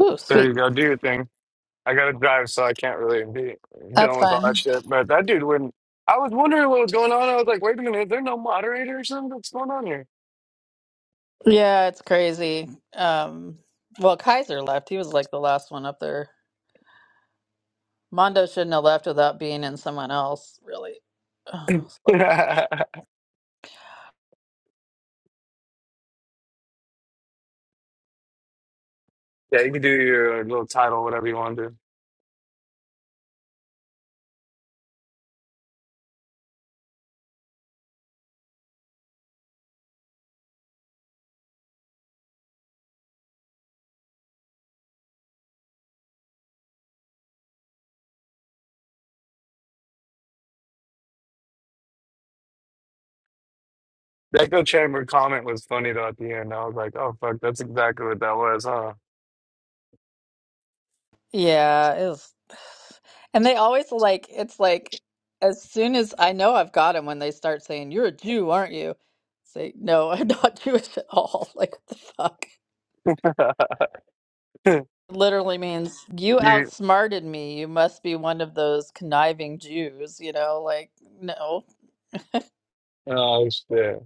Ooh, There you sweet. go. Do your thing. I gotta drive, so I can't really be That's dealing with all that fun. shit. But that dude wouldn't. I was wondering what was going on. I was like, wait a minute, is there no moderator or something? What's going on here? Yeah, it's crazy. Um, well, Kaiser left. He was like the last one up there. Mondo shouldn't have left without being in someone else, really. Ugh, yeah, you can do your little title, whatever you want to. do. The echo chamber comment was funny though at the end. I was like, oh fuck, that's exactly what that was, huh? yeah, it was. And they always like, it's like, as soon as I know I've got him, when they start saying, You're a Jew, aren't you? Say, No, I'm not Jewish at all. Like, what the fuck? Literally means, You you. outsmarted me. You must be one of those conniving Jews, you know? Like, no. Oh shit.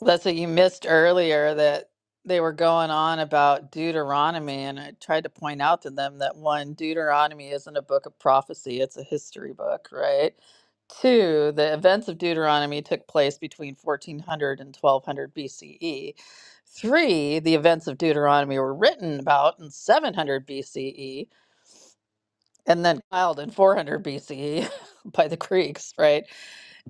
That's what you missed earlier that they were going on about Deuteronomy, and I tried to point out to them that one, Deuteronomy isn't a book of prophecy, it's a history book, right? Two, the events of Deuteronomy took place between 1400 and 1200 BCE. Three, the events of Deuteronomy were written about in 700 BCE and then compiled in 400 BCE by the Greeks, right?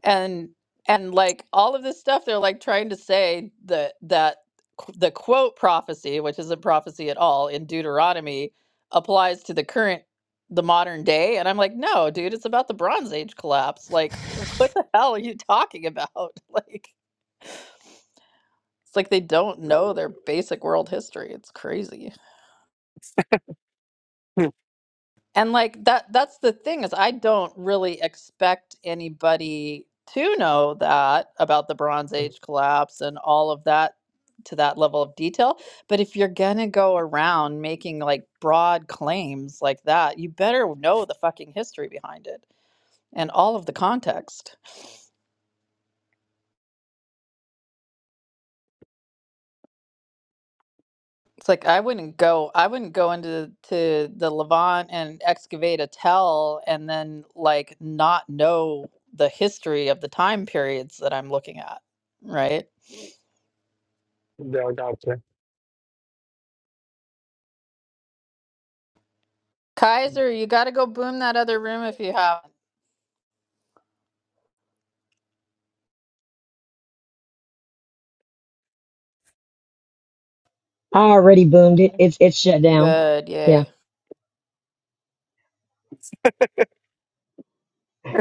and and like all of this stuff they're like trying to say that that qu- the quote prophecy which isn't prophecy at all in deuteronomy applies to the current the modern day and i'm like no dude it's about the bronze age collapse like what the hell are you talking about like it's like they don't know their basic world history it's crazy And like that that's the thing is I don't really expect anybody to know that about the Bronze Age collapse and all of that to that level of detail. But if you're gonna go around making like broad claims like that, you better know the fucking history behind it and all of the context. It's like I wouldn't go. I wouldn't go into to the Levant and excavate a tell, and then like not know the history of the time periods that I'm looking at. Right, Yeah, I gotcha. Kaiser, you got to go boom that other room if you haven't. I already boomed it. It's it's shut down. Good, Yeah. yay, I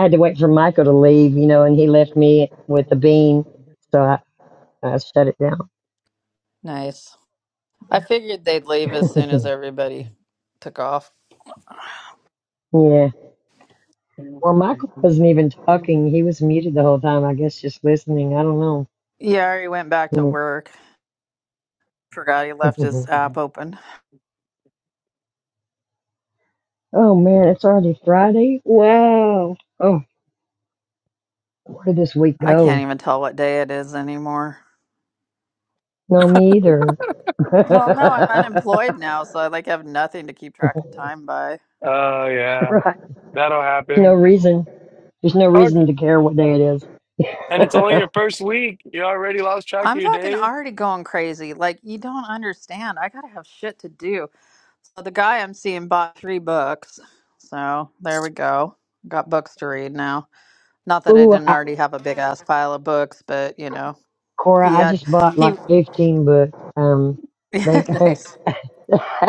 had to wait for Michael to leave, you know, and he left me with the bean, so I, I shut it down. nice. I figured they'd leave as soon as everybody took off. yeah. Well, Michael wasn't even talking. He was muted the whole time. I guess just listening. I don't know. Yeah, he went back to Mm. work. Forgot he left his app open. oh man, it's already Friday. Wow. Oh, where did this week I can't go? even tell what day it is anymore. No, me either. Well, no, I'm unemployed now, so I like have nothing to keep track of time by. Oh yeah, right. that'll No happen. reason. There's no Fuck. reason to care what day it And it's only is. your first week. You already lost track of I'm your fucking days. already going crazy. Like you don't understand. I gotta have shit to do. So the guy I'm seeing bought three books. So there we go. Got books to read now. Not that I Ooh, I, didn't already have a big ass pile of books, but you know, Cora, he I had just bought like he 15 books. Um, they nice.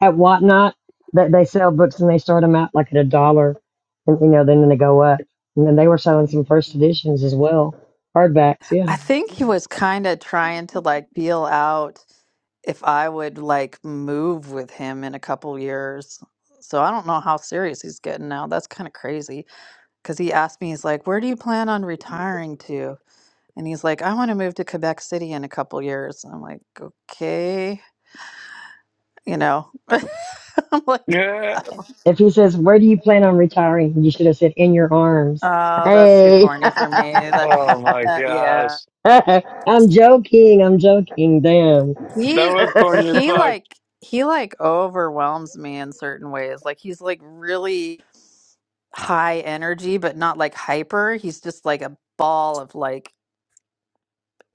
at Whatnot that they sell books and they start them out like at a dollar, and you know, then then they go up. And then they were selling some first editions as well, hardbacks. Yeah. I think he was kind of trying to like feel out if I would like move with him in a couple years. So I don't know how serious he's getting now. That's kind of crazy. Because he asked me, he's like, Where do you plan on retiring to? And he's like, I want to move to Quebec City in a couple years. I'm like, Okay. You know, I'm like, Yeah. If he says, "Where do you plan on retiring?" you should have said, "In your arms." Oh, that's too Hey, corny for me. That, Oh my that, yeah. gosh. I'm joking. I'm joking. Damn, That He was corny as he fuck. like he like overwhelms me in certain ways. Like he's like really high energy, but not like hyper. He's just like a ball of like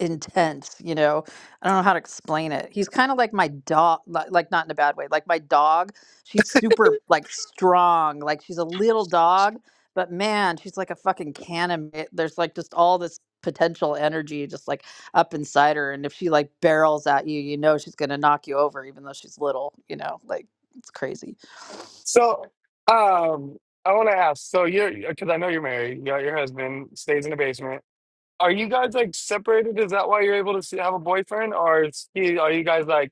intense, you know. I don't know how to explain it. He's kind of like my dog, li- like not in a bad way. Like my dog, she's super like strong. Like she's a little dog, but man, she's like a fucking cannon. It- There's like just all this potential energy just like up inside her and if she like barrels at you, you know she's going to knock you over even though she's little, you know. Like it's crazy. So, um, I want to ask. So you're because I know you're married. You got your husband stays in the basement. Are you guys like separated? Is that why you're able to see, have a boyfriend, or is he, are you guys like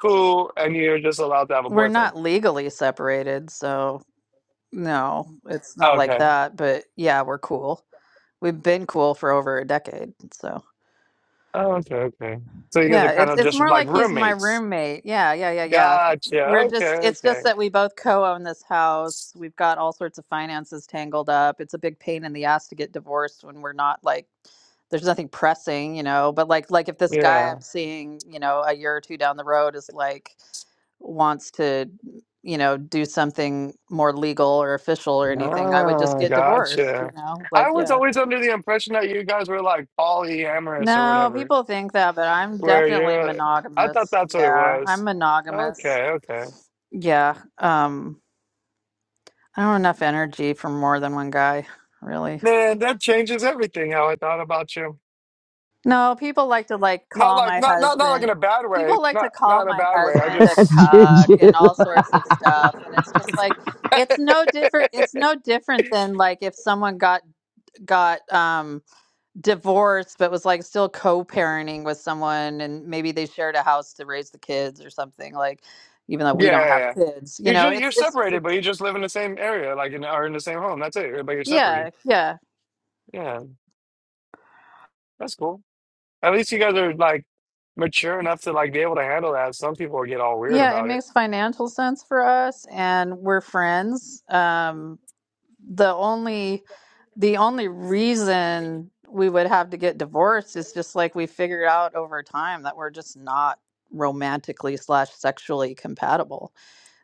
cool and you're just allowed to have a We're boyfriend? not legally separated, so no, it's not like Okay. that, but yeah, we're cool. We've been cool for over a decade, so Oh, okay. Okay. So you guys yeah, are kind it's of it's just more like like he's my roommates. roommate. Yeah, yeah, yeah, yeah. Gotcha. We're Okay. just it's Okay. just that we both co-own this house. We've got all sorts of finances tangled up. It's a big pain in the ass to get divorced when we're not like there's nothing pressing, you know, but like like if this guy Yeah. I'm seeing, you know, a year or two down the road is like wants to, you know, do something more legal or official or anything, I would just Ah, get divorced, gotcha. you know? I Like, was yeah. always under the impression that you guys were like polyamorous or No, whatever, people think that, but I'm where definitely you're, I thought monogamous. that's what it Yeah, was. I'm monogamous. Okay. Okay. Yeah. Um, I don't have enough energy for more than one guy, really. Man, that changes everything how I thought about you. No, people like to like Not call like, my not, not, not like in husband. a bad way. People like Not, to not call in a my bad way. I husband a just, cuck and Juju. all sorts of stuff, and it's just like yeah, it's no different. It's no different than like if someone got got um divorced but was like still co-parenting with someone and maybe they shared a house to raise the kids or something like even though we don't yeah. have yeah. kids you You're know just, you're it's it's just separated, a, but you just live in the same area, like in, or in the same home. That's it. But you're separated. yeah yeah Yeah. That's cool. At least you guys are like mature enough to like be able to handle that. Some people get all weird yeah it about it. makes financial sense for us and we're friends um the only the only reason we would have to get divorced is just like we figured out over time that we're just not romantically slash sexually compatible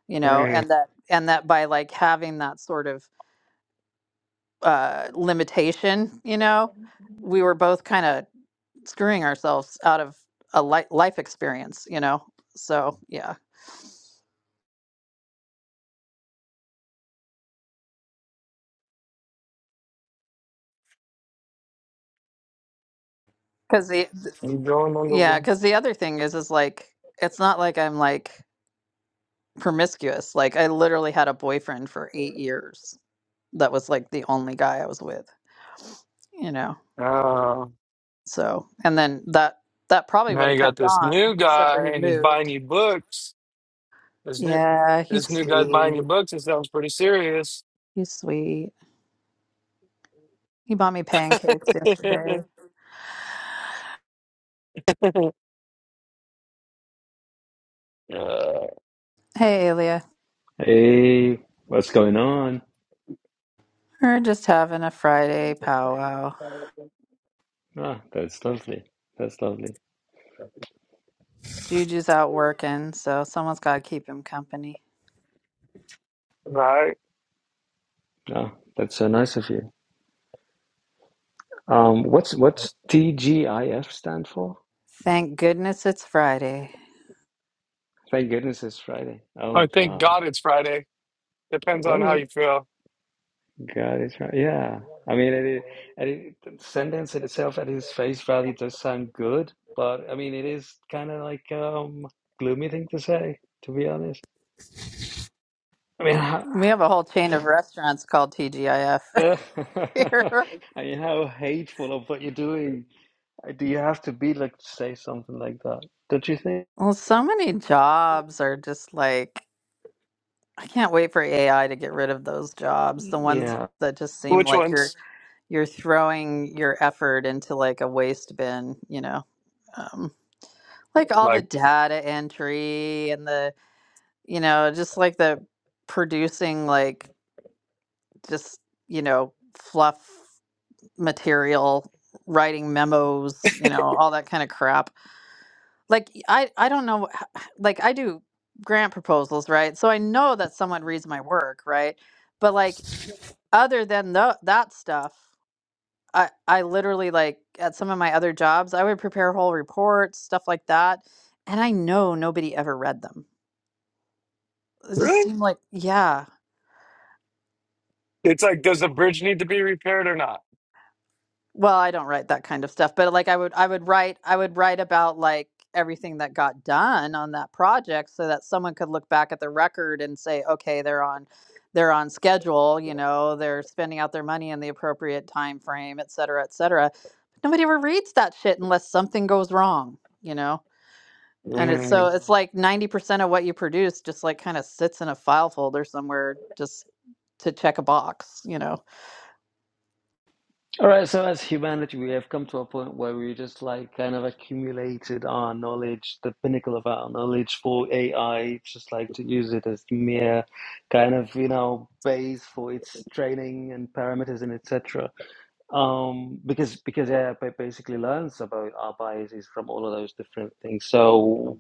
you know Mm, and that and that by like having that sort of uh limitation you know we were both kind of screwing ourselves out of a li- life experience you know so yeah because the th- I'm going under yeah one. because the other thing is is like it's not like i'm like promiscuous like i literally had a boyfriend for eight years that was like the only guy i was with you know Uh, so and then that that probably now would have you got kept this on new except for guy he and he's buying moved you books. This new yeah he's this new guy's sweet buying you books. It sounds pretty serious. He's sweet. He bought me pancakes yesterday. Uh, Hey, Leah. Hey, what's going on? We're just having a Friday powwow. Ah, that's lovely. That's lovely. Juju's out working, so someone's got to keep him company. right? Ah, that's so nice of you. Um, what's what's TGIF stand for? Thank goodness it's Friday. Thank goodness it's Friday. I Oh thank God. God it's Friday. Depends on Well, how it, you feel. God, it's right. Yeah. I mean, it, it, and it, the sentence in itself at its face value does sound good, but I mean, it is kind of like um gloomy thing to say, to be honest. I mean, how, We have a whole chain of restaurants called TGIF I here. mean, how hateful of what you're doing. Uh, Do you have to be like to say something like that? Don't you think? Well, so many jobs are just like, I can't wait for AI to get rid of those jobs. The ones Yeah. that just seem Which like you're ones? you're throwing your effort into like a waste bin, you know. Um, like all the Like, data entry and the you know just like the producing like just you know fluff material writing memos you know all that kind of crap like i i don't know h- like i do grant proposals right so i know that someone reads my work right but like other than tho- that stuff i i literally like at some of my other jobs i would prepare whole reports stuff like that and i know nobody ever read them it just really? seemed like yeah It's like, does the bridge need to be repaired or not? well i don't write that kind of stuff but like i would i would write i would write about like everything that got done on that project so that someone could look back at the record and say okay they're on they're on schedule you know they're spending out their money in the appropriate time frame et cetera et cetera nobody ever reads that shit unless something goes wrong you know and it's so it's Mhm. like 90% of what you produce just like kind of sits in a file folder somewhere just to check a box you know All right. So as humanity, we have come to a point where we just like kind of accumulated our knowledge, the pinnacle of our knowledge for AI, just like to use it as mere kind of you know base for its training and parameters and etc. um because because yeah I basically learns about our biases from all of those different things so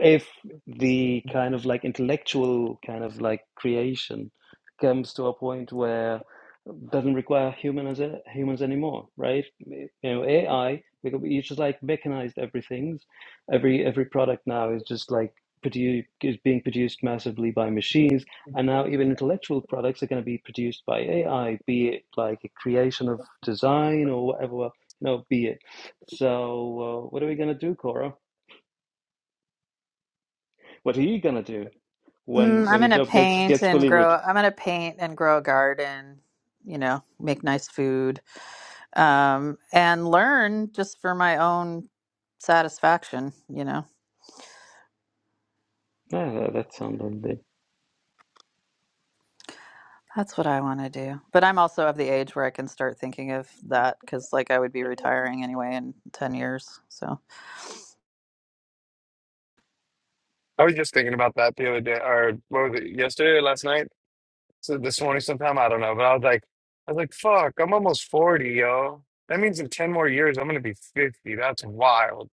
if the kind of like intellectual kind of like creation comes to a point where it doesn't require human as a, humans anymore right you know AI we you just like mechanized everything every every product now is just like produ is being produced massively by machines and now even intellectual products are going to be produced by AI, be it like a creation of design or whatever, well, you know, be it. So uh, what are we going to do, Cora? What are you going to do Mm, when I'm when your gonna job gets paint gets and fully grow. replaced? I'm gonna paint and grow a garden. You know, make nice food, um, and learn just for my own satisfaction. You know, Yeah, that sounds lovely. that's what I want to do. But I'm also of the age where I can start thinking of that because, like, I would be retiring anyway in ten years. So, I was just thinking about that the other day, or what was it, yesterday or last night? So this morning sometime, I don't know. But I was like, I was like, fuck, I'm almost 40, yo. That means in 10 more years, I'm gonna be 50. That's wild.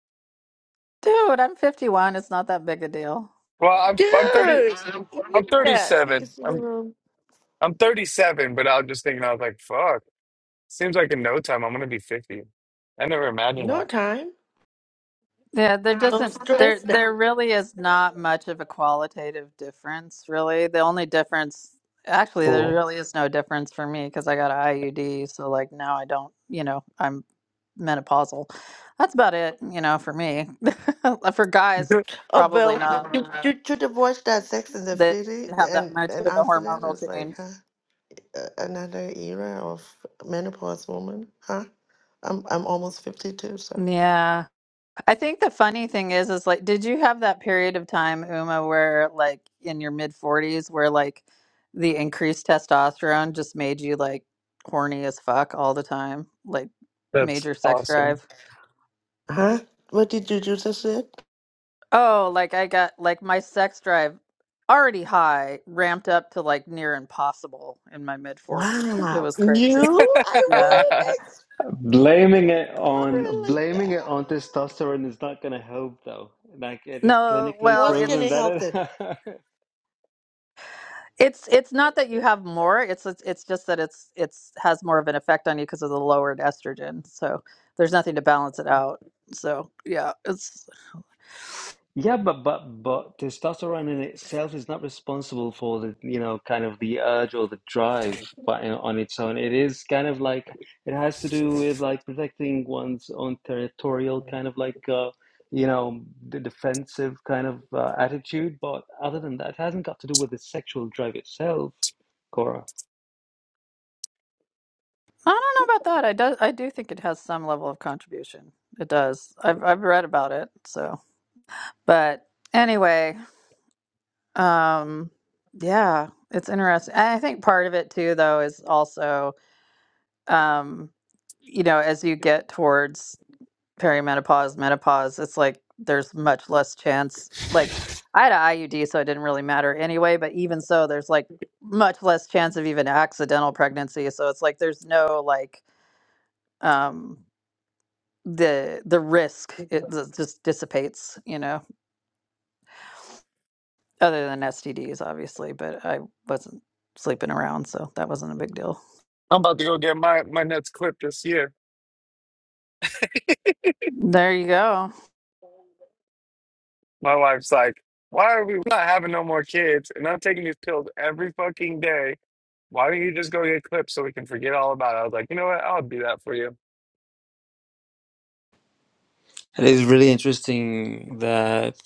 dude, I'm 51. It's not that big a deal. Well, I'm I'm 30, Dude, give me I'm that 37. piece of the I'm room. I'm 37, but I was just thinking, I was like, fuck. Seems like in no time I'm gonna be 50. I never imagined No that. time, Yeah, there no doesn't there stress. That there really is not much of a qualitative difference, really. The only difference actually there Cool. really is no difference for me because I got a IUD, so like now I don't, you know, I'm menopausal. That's about it, you know, for me. For guys, oh probably well, not. you you should have watched that Sex in the They City, have that and much of and a after that it hormonal was like, change. huh, A- another era of menopause woman, huh? I'm I'm almost fifty two, so Yeah. I think the funny thing is, is like, did you have that period of time, Uma, where like in your mid 40s, where like the increased testosterone just made you like horny as fuck all the time? Like That's major sex awesome. drive? huh? What did you do just said? Oh, like I got like my sex drive already high, ramped up to like near impossible in my mid 40s. It Wow, was crazy. you? I'm I Yeah. wouldn't expect Blaming my it car on like that. blaming it on testosterone is not going to help, though. Like it is No, clinically well, What's it's proven gonna that help it? it. It's it's not that you have more. It's it's, it's just that it's it's has more of an effect on you because of the lowered estrogen. So there's nothing to balance it out. So yeah, it's Yeah, but but but testosterone in itself is not responsible for the you know kind of the urge or the drive, but you know, on its own, it is kind of like it has to do with like protecting one's own territorial kind of like uh, you know the defensive kind of uh, attitude. But other than that, it hasn't got to do with the sexual drive itself, Cora. I don't know about that. I do I do think it has some level of contribution. It does. I've I've read about it. So but anyway, um, yeah, it's interesting. And I think part of it too, though, is also um, you know as you get towards perimenopause, menopause, it's like there's much less chance. Like I had a IUD, so it didn't really matter anyway. But even so, there's like much less chance of even accidental pregnancy. So it's like there's no like um, the the risk it th- just dissipates, you know. Other than STDs, obviously, but I wasn't sleeping around, so that wasn't a big deal. about to go get my, my nuts clipped this year. There you go. My wife's like, why are we not having no more kids? And I'm taking these pills every fucking day. Why don't you just go get clipped so we can forget all about it? I was like, you know what? I'll do that for you. It is really interesting that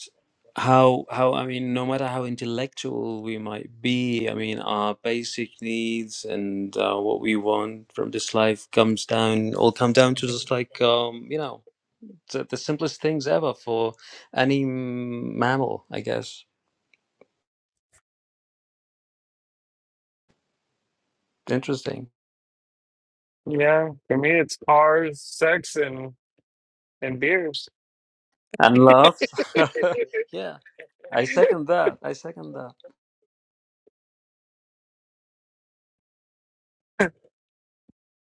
how how I mean, no matter how intellectual we might be, I mean, our basic needs and uh, what we want from this life comes down all come down to just like um, you know the, the simplest things ever for any mammal, I guess. Interesting Yeah, for me, it's cars, sex, and and beers. and love. yeah, I second that. I second that.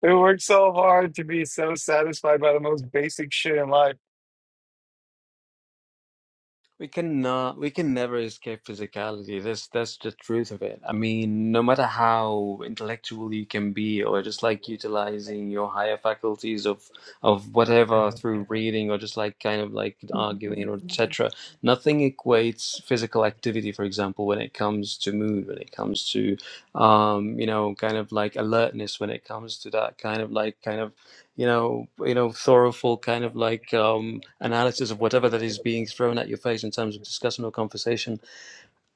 We work so hard to be so satisfied by the most basic shit in life. We can uh, we can never escape physicality. That's that's the truth of it. I mean, no matter how intellectual you can be, or just like utilizing your higher faculties of of whatever through reading, or just like kind of like arguing or etc. Nothing equates physical activity, for example, when it comes to mood, when it comes to um, you know, kind of like alertness, when it comes to that kind of like kind of you know, you know, thoroughful kind of like um, analysis of whatever that is being thrown at your face in terms of discussion or conversation,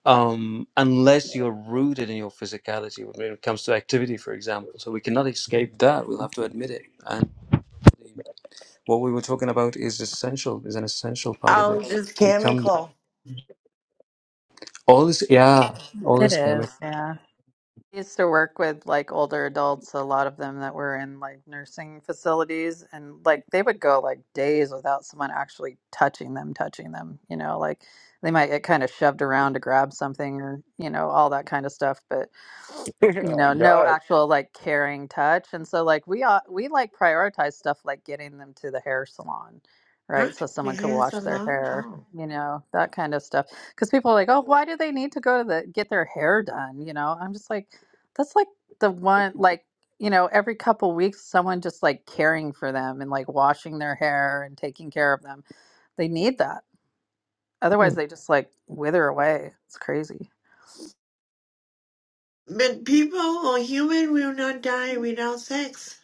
um, unless you're rooted in your physicality when it comes to activity, for example. So we cannot escape that. We'll have to admit it. And what we were talking about is essential, is an essential part of I'll it. just We cam and come call. all this, yeah, all It this is. chemical. Yeah. I used to work with like older adults, a lot of them that were in like nursing facilities, and like they would go like days without someone actually touching them, touching them, you know, like they might get kind of shoved around to grab something or, you know, all that kind of stuff, but you Oh, know, no God. actual like caring touch. And so like we ought, we like prioritize stuff like getting them to the hair salon, Huh? right? So The someone could hands wash their alone? hair, Oh. you know, that kind of stuff. Because people are like, oh, why do they need to go to the get their hair done? You know, I'm just like that's like the one, like, you know, every couple weeks, someone just like caring for them and like washing their hair and taking care of them. They need that. Otherwise, they just like wither away. It's crazy. But people or human will not die without sex.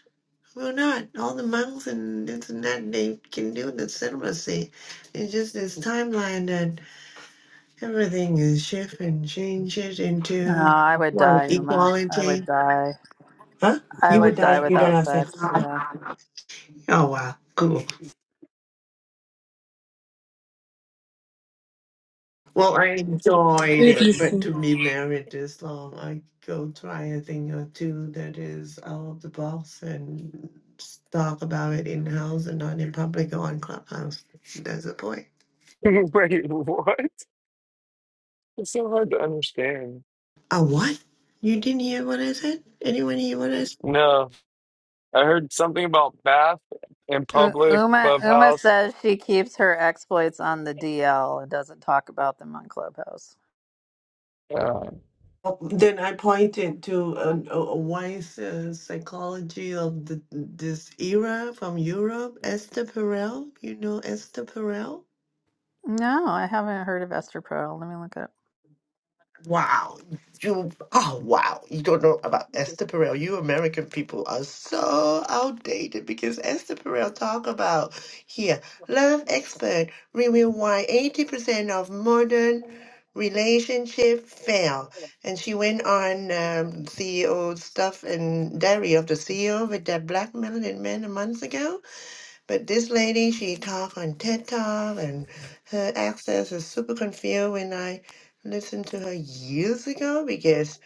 Will not. All the monks and this and that they can do the celibacy. It's just this timeline that everything is shift and changes Oh, into I would what die, Uma. I would equality. die. Huh? I You would would die die if you don't without have sex. sex. Yeah. Oh wow, cool. Well, I enjoyed it, Beautifully but to me, marriage is long. I go try a thing or two that is out of the box and s- talk about it in house and not in public or on Clubhouse. That's the point. Wait, what? It's so hard to understand. A what? You didn't hear what I said? Anyone hear what I said? No, I heard something about bath in U- public, Uma Uma clubhouse. says she keeps her exploits on the DL and doesn't talk about them on Clubhouse. Uh, Oh, Then I pointed to a, a a wise uh, psychology of the, this era from Europe, Esther Perel. You know Esther Perel? No, I haven't heard of Esther Perel. Let me look it up. Wow. You, oh, wow. You don't know about Esther Perel. You American people are so outdated because Esther Perel talk about here, love expert reveal why 80% of modern relationship fail. And she went on um, CEO stuff and diary of the CEO with that black melanin man a month ago but this lady, she talk on TED Talk, and her accent is super confused when I listened to her years ago because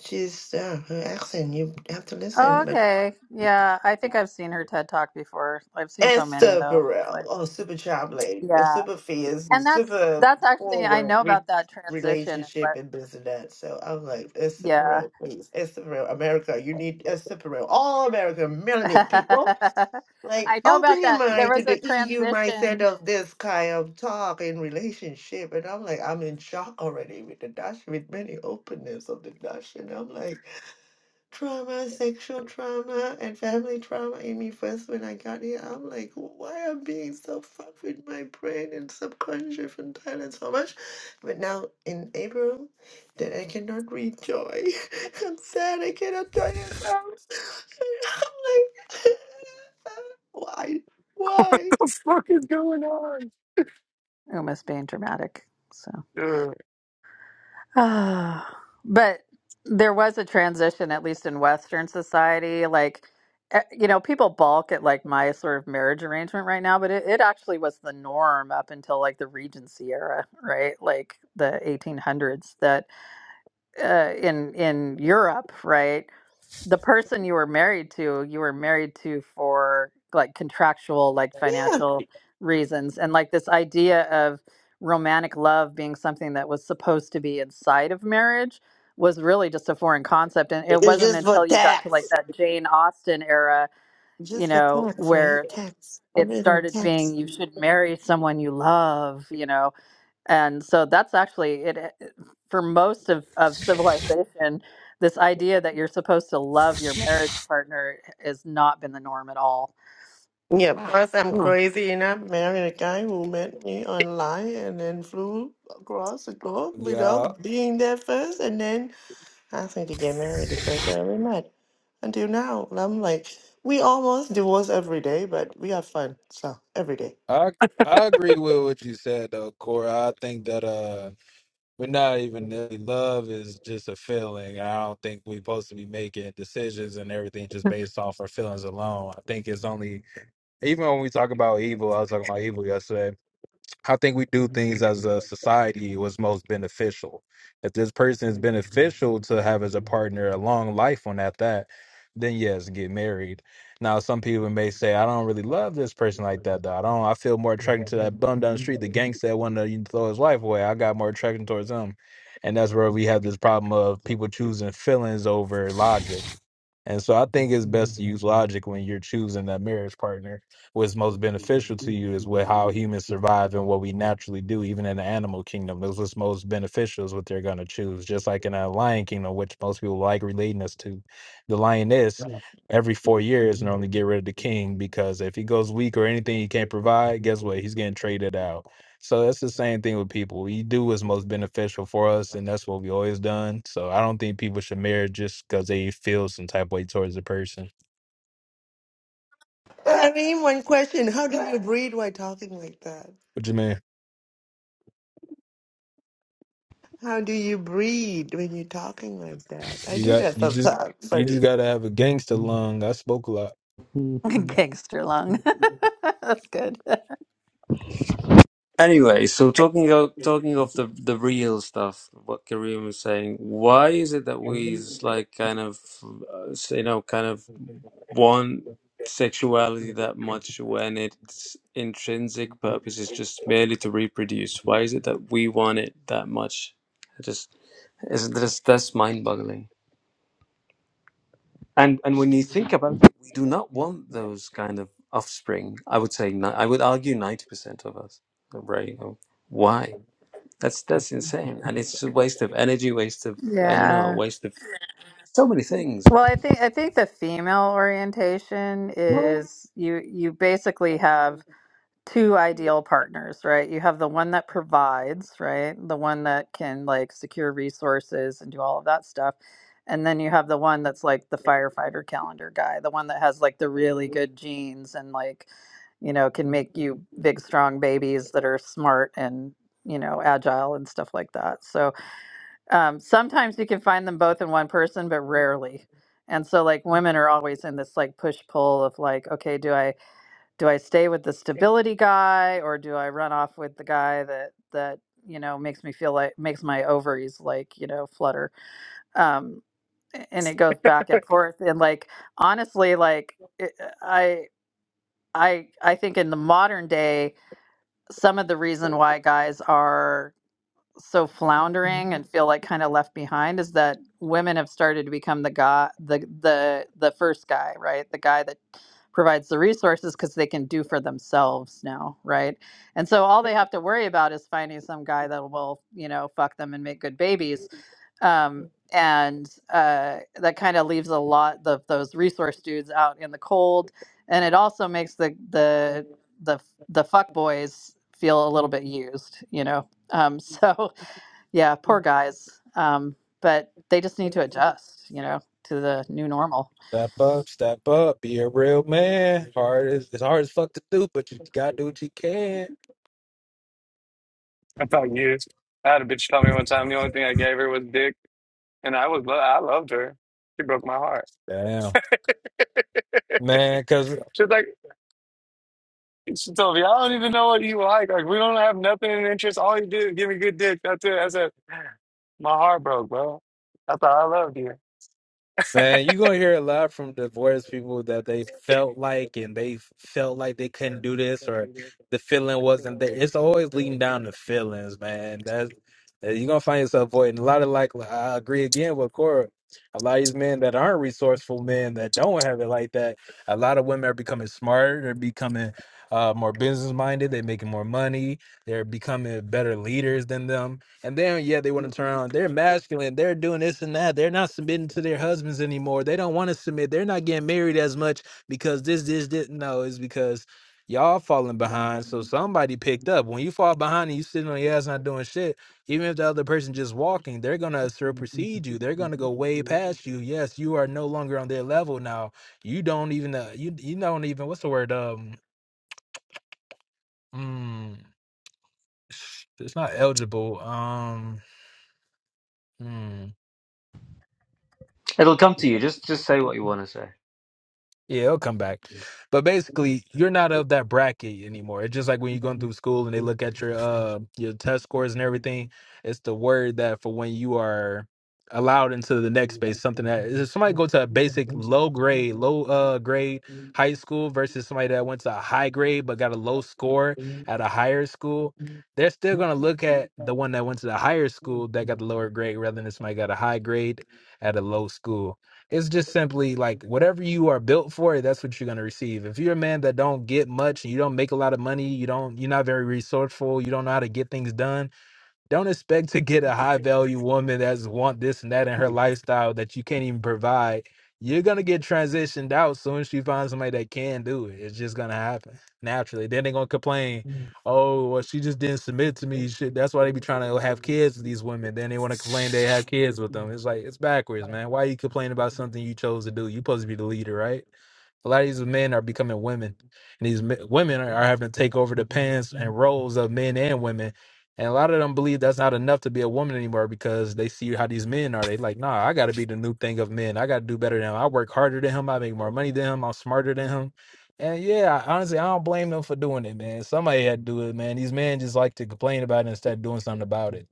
she's uh, her accent. You have to Oh, listen, but okay. Yeah, I think I've seen her TED Talk before. I've seen and so many though. super It's real like, or super traveling, and yeah. super fierce, and And that's super that's actually I forward know re- about that transition and relationship what and this and that. So i was like, it's super yeah. real, please. It's super real. America, you need it's super real. All American melanated people. Like, I know about open your that. There mind to was a the EU mindset transition. of this kind of talk and relationship. And I'm like, I'm in shock already with the Dutch, with many openness of the Dutch. And I'm like, trauma, sexual trauma, and family trauma in me first when I got here. I'm like, why am I being so fucked with my brain and subconscious in Thailand so much? But now in April, that I cannot read joy. I'm sad I cannot join this house. I'm like, why? Why? what the fuck is going on? Uma's being dramatic. So. Ugh. Ah, but there was a transition, at least in Western society. Like, eh, you know, people balk at like my sort of marriage arrangement right now, but it, it actually was the norm up until like the Regency era, right? Like the 1800s. That uh, in in Europe, right? the person you were married to, you were married to for like contractual, like Yeah, financial reasons. And like this idea of romantic love being something that was supposed to be inside of marriage was really just a foreign concept. And it it's wasn't just for until you got to like tax. that Jane Austen era, you Just for know, tax, right? where Tax. it Everything started tax. being you should marry someone you love, you know, and so that's actually it it- for most of, of civilization this idea that you're supposed to love your marriage partner has not been the norm at all Yeah, because I'm Huh. crazy and I married a guy who met me online and then flew across the globe Yeah, without being there first and then asking to get married the first day we met. Until now, and I'm like, we almost divorce every day, but we have fun, so every day. I I agree with what you said though, Cora. I think that uh we're not even really love is just a feeling. I don't think we're supposed to be making decisions and everything just based off our feelings alone. I think it's only even when we talk about evil, I was talking about evil yesterday. I think we do things as a society was most beneficial. If this person is beneficial to have as a partner a long life on at that, then yes, get married. Now some people may say, I don't really love this person like that though. I don't I feel more attraction to that bum down the street, the gangster that wanted to throw his life away. I got more attraction towards him. And that's where we have this problem of people choosing feelings over logic and so I think it's best to use logic when you're choosing that marriage partner. What's most beneficial to you is what how humans survive and what we naturally do, even in the animal kingdom. That's what's most beneficial is what they're gonna choose. Just like in a lion kingdom, which most people like relating us to. The lioness every four years normally get rid of the king because if he goes weak or anything he can't provide, guess what? He's getting traded out. So that's the same thing with people. We do what's most beneficial for us, and that's what we always done. So I don't think people should marry just because they feel some type of way towards the person. But I mean, one question, how do you breathe while talking like that? What you mean? How do you breathe when you're talking like that? I You do got that you just sometimes, you funny. just gotta have a gangster lung. I spoke a lot. said. gangster lung that's good Anyway, so talking of talking of the the real stuff, what Kareem was saying, why is it that we is like kind of uh, you know kind of want sexuality that much when its intrinsic purpose is just merely to reproduce? Why is it that we want it that much? It just isn't that's, that's mind boggling. And and when you think about it, we do not want those kind of offspring. I would say ni- I would argue ninety percent of us, right? Why? That's that's insane, and it's a waste of energy, waste of I don't know, yeah waste of so many things. well i think i think the female orientation Well, is you you basically have two ideal partners, right? You have the one that provides, right? The one that can like secure resources and do all of that stuff. And then you have the one that's like the firefighter calendar guy, the one that has like the really good genes and like, you know, can make you big, strong babies that are smart and, you know, agile and stuff like that. So um, sometimes you can find them both in one person, but rarely. And so, like, women are always in this like push pull of like, okay, do I do I stay with the stability guy or do I run off with the guy that that you know makes me feel like makes my ovaries like you know flutter um and it goes back and forth and like honestly like it, uh, I I I think in the modern day some of the reason why guys are so floundering and feel like kind of left behind is that women have started to become the guy the the the first guy right the guy that provides the resources because they can do for themselves now right and so all they have to worry about is finding some guy that will you know fuck them and make good babies um, and uh, that kind of leaves a lot of those resource dudes out in the cold and it also makes the the the the fuck boys feel a little bit used you know um, so yeah, poor guys. Um, but they just need to adjust, you know, to the new normal. Step up, step up, be a real man. Hard as it's hard as fuck to do, but you gotta do what you can. I thought you. I had a bitch tell me one time the only thing I gave her was dick, and I was lo- I loved her. She broke my heart. Damn, man. because. She's like, she told me, I don't even know what you like. Like, we don't have nothing in interest. All you do is give me good dick. That's it. I said, my heart broke, bro. I thought I loved Man, you are gonna hear a lot from divorced people that they felt like and they felt like they couldn't do this or the feeling wasn't there. It's always leading down to feelings, man. That's uh, you're gonna find yourself avoiding a lot of like like, I agree again with Cora. A lot of these men that aren't resourceful men that don't have it like that, a lot of women are becoming smarter, they're becoming uh more business minded, they're making more money, they're becoming better leaders than them and then yeah, they want to turn on. They're masculine. They're doing this and that. They're not submitting to their husbands anymore. They don't want to submit. They're not getting married as much because this, this, this. No, it's because y'all falling behind. So somebody picked up. When you fall behind and you sitting on your ass not doing shit, even if the other person just walking, they're gonna supersede you. They're gonna go way past you. Yes, you are no longer on their level now. You don't even uh, you you don't even what's the word? Um, mm, it's not eligible. Um. hmm. It'll come to you. Just just say what you want to say. Yeah, it'll come back. But basically, you're not of that bracket anymore. It's just like when you're going through school and they look at your uh your test scores and you. everything. It's the word that for when you are allowed into the next space, something that if somebody go to a basic low grade, low uh grade high school versus somebody that went to a high grade but got a low score at a higher school, they're still gonna look at the one that went to the higher school that got the lower grade rather than somebody got a high grade at a low school. It's just simply like whatever you are built for, that's what you're gonna receive. If you're a man that don't get much and you don't make a lot of money, you don't you're not very resourceful, you don't know how to get things done, don't expect to get a high value woman that's want this and that in her lifestyle that you can't even provide. You're gonna get transitioned out soon as she finds somebody that can do it. It's just gonna happen naturally. Then they're gonna complain, Mm, oh, well, she just didn't submit to me. Shit, that's why they be trying to have kids with these women. Then they want to complain they have kids with them. It's like it's backwards, man. Why you complaining about something you chose to do? You supposed to be the leader, right? A lot of these men are becoming women, and these mi- women are, are having to take over the pants and roles of men and women. And a lot of them believe that's not enough to be a woman anymore because they see how these men are. They like, nah, I got to be the new thing of men. I got to do better than him. I work harder than him. I make more money than him. I'm smarter than him. And yeah, I, honestly, I don't blame them for doing it, man. Somebody had to do it, man. These men just like to complain about it instead of doing something about it.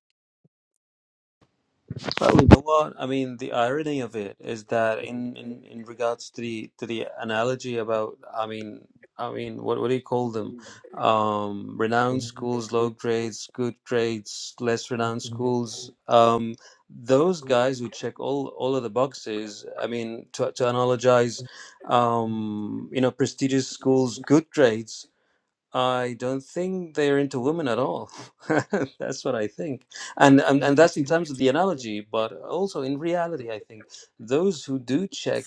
Well, you know what? I mean, the irony of it is that in, in, in regards to the to the analogy about, I mean, I mean, what what do you call them? Um, renowned schools, low grades, good grades, less renowned schools. Um, those guys who check all all of the boxes. I mean, to to analogize, um, you know, prestigious schools, good grades. I don't think they're into women at all. that's what I think, and, and and that's in terms of the analogy, but also in reality, I think those who do check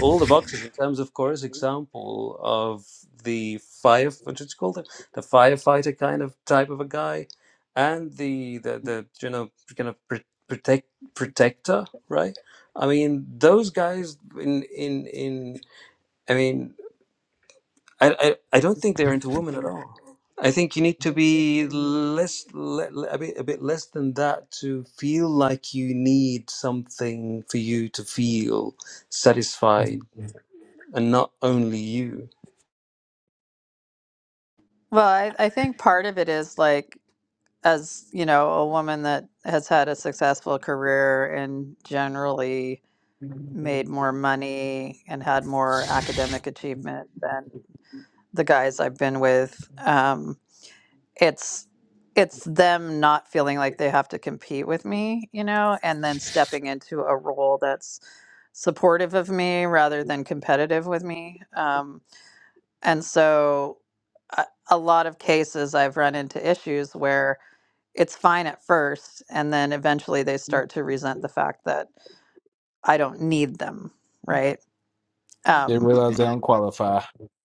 all the boxes in terms of Cora's example of the fire, what did you call them, the firefighter kind of type of a guy, and the the, the you know kind of pr- protect protector, right? I mean, those guys in in in. I mean. I, I I don't think they're into women at all. I think you need to be less le, le- a bit a bit less than that to feel like you need something for you to feel satisfied and not only you. Well, I, I think part of it is like as you know a woman that has had a successful career and generally made more money and had more academic achievement than the guys i've been with um, it's it's them not feeling like they have to compete with me, you know, and then stepping into a role that's supportive of me rather than competitive with me. Um, and so, a, a lot of cases I've run into issues where it's fine at first, and then eventually they start to resent the fact that I don't need them, right? They Um, realize they don't qualify.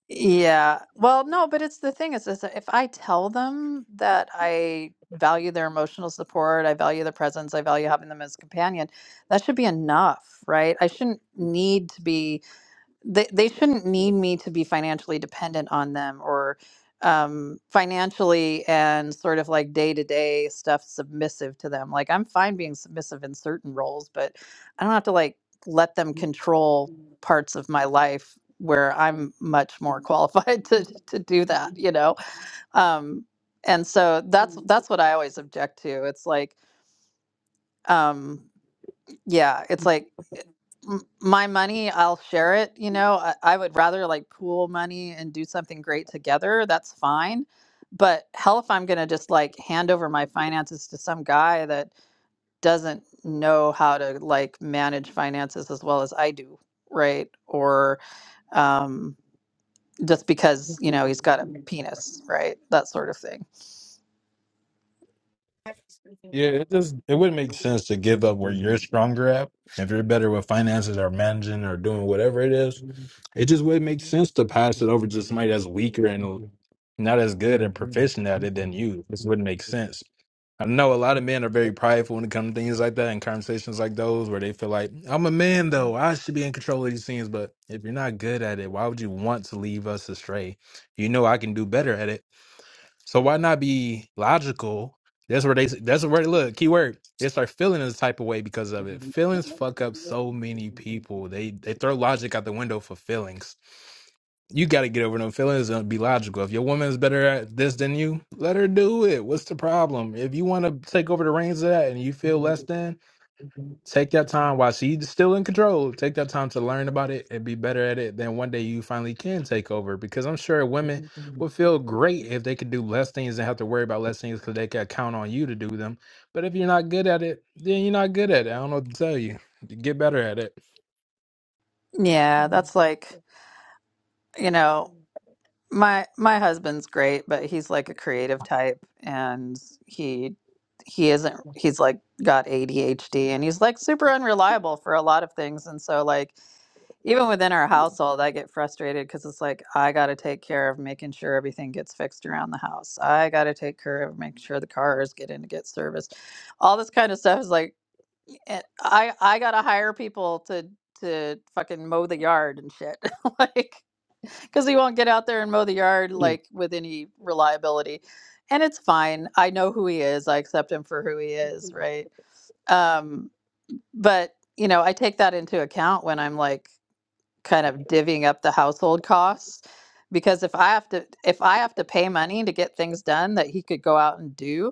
Yeah. Well, no, but it's the thing is, is that if I tell them that I value their emotional support, I value their presence, I value having them as companion, that should be enough, right? I shouldn't need to be they they shouldn't need me to be financially dependent on them or um financially and sort of like day to day stuff submissive to them like i'm fine being submissive in certain roles but i don't have to like let them control parts of my life where i'm much more qualified to to do that you know um and so that's that's what i always object to it's like um, yeah, it's like m- my money, I'll share it. You know, I, I would rather like pool money and do something great together. That's fine. But hell, if I'm going to just like hand over my finances to some guy that doesn't know how to like manage finances as well as I do, right? Or um, just because, you know, he's got a penis, right? That sort of thing. Yeah, it just it wouldn't make sense to give up where you're stronger at. If you're better with finances or managing or doing whatever it is, it just wouldn't make sense to pass it over to somebody that's weaker and not as good and proficient at it than you. This wouldn't make sense. I know a lot of men are very prideful when it comes to things like that and conversations like those where they feel like, I'm a man though, I should be in control of these things. But if you're not good at it, why would you want to leave us astray? You know I can do better at it so why not be logical? That's where they. That's where look. Keyword. They start feeling this type of way because of it. Feelings fuck up so many people. They they throw logic out the window for feelings. You got to get over them feelings and be logical. If your woman is better at this than you, let her do it. What's the problem? If you want to take over the reins of that and you feel less than, Take that time while she's still in control. Take that time to learn about it and be better at it. Then one day you finally can take over. Because I'm sure women would feel great if they could do less things and have to worry about less things because they can count on you to do them. But if you're not good at it, then you're not good at it. I don't know what to tell you. Get better at it. Yeah, that's like, you know. My my husband's great, but he's like a creative type and he he isn't he's like got ADHD and he's like super unreliable for a lot of things and so like even within our household I get frustrated cuz it's like I got to take care of making sure everything gets fixed around the house. I got to take care of making sure the cars get in to get serviced. All this kind of stuff is like eh, I I got to hire people to to fucking mow the yard and shit. like because he won't get out there and mow the yard like with any reliability. And it's fine. I know who he is. I accept him for who he is, right? Um, but you know, I take that into account when I'm like kind of divvying up the household costs because if I have to if I have to pay money to get things done that he could go out and do,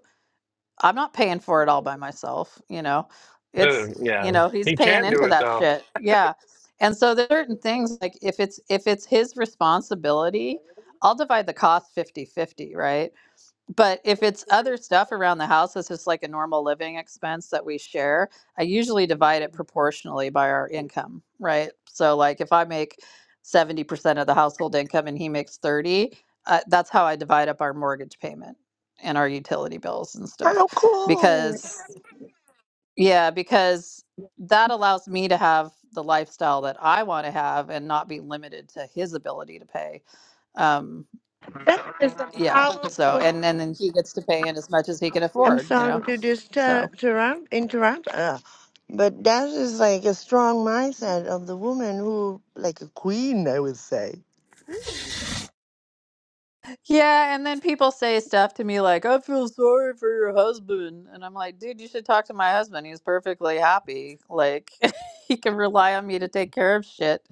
I'm not paying for it all by myself, you know. It's you Yeah, know, he's he paying can't do into it that though. shit. Yeah. And so there's certain things like if it's if it's his responsibility, I'll divide the cost fifty-fifty, right? but if it's other stuff around the house it's just like a normal living expense that we share i usually divide it proportionally by our income right so like if i make 70% of the household income and he makes 30 uh, that's how i divide up our mortgage payment and our utility bills and stuff How cool! because yeah because that allows me to have the lifestyle that i want to have and not be limited to his ability to pay Um, That is a yeah so powerful and and then he gets to pay in as much as he can I'm afford you know sorry to disturb, so interrupt, interrupt uh, but that is like a strong mindset of the woman who, like a queen, I would say. yeah and then people say stuff to me like i feel sorry for your husband and i'm like dude you should talk to my husband he's perfectly happy like he can rely on me to take care of shit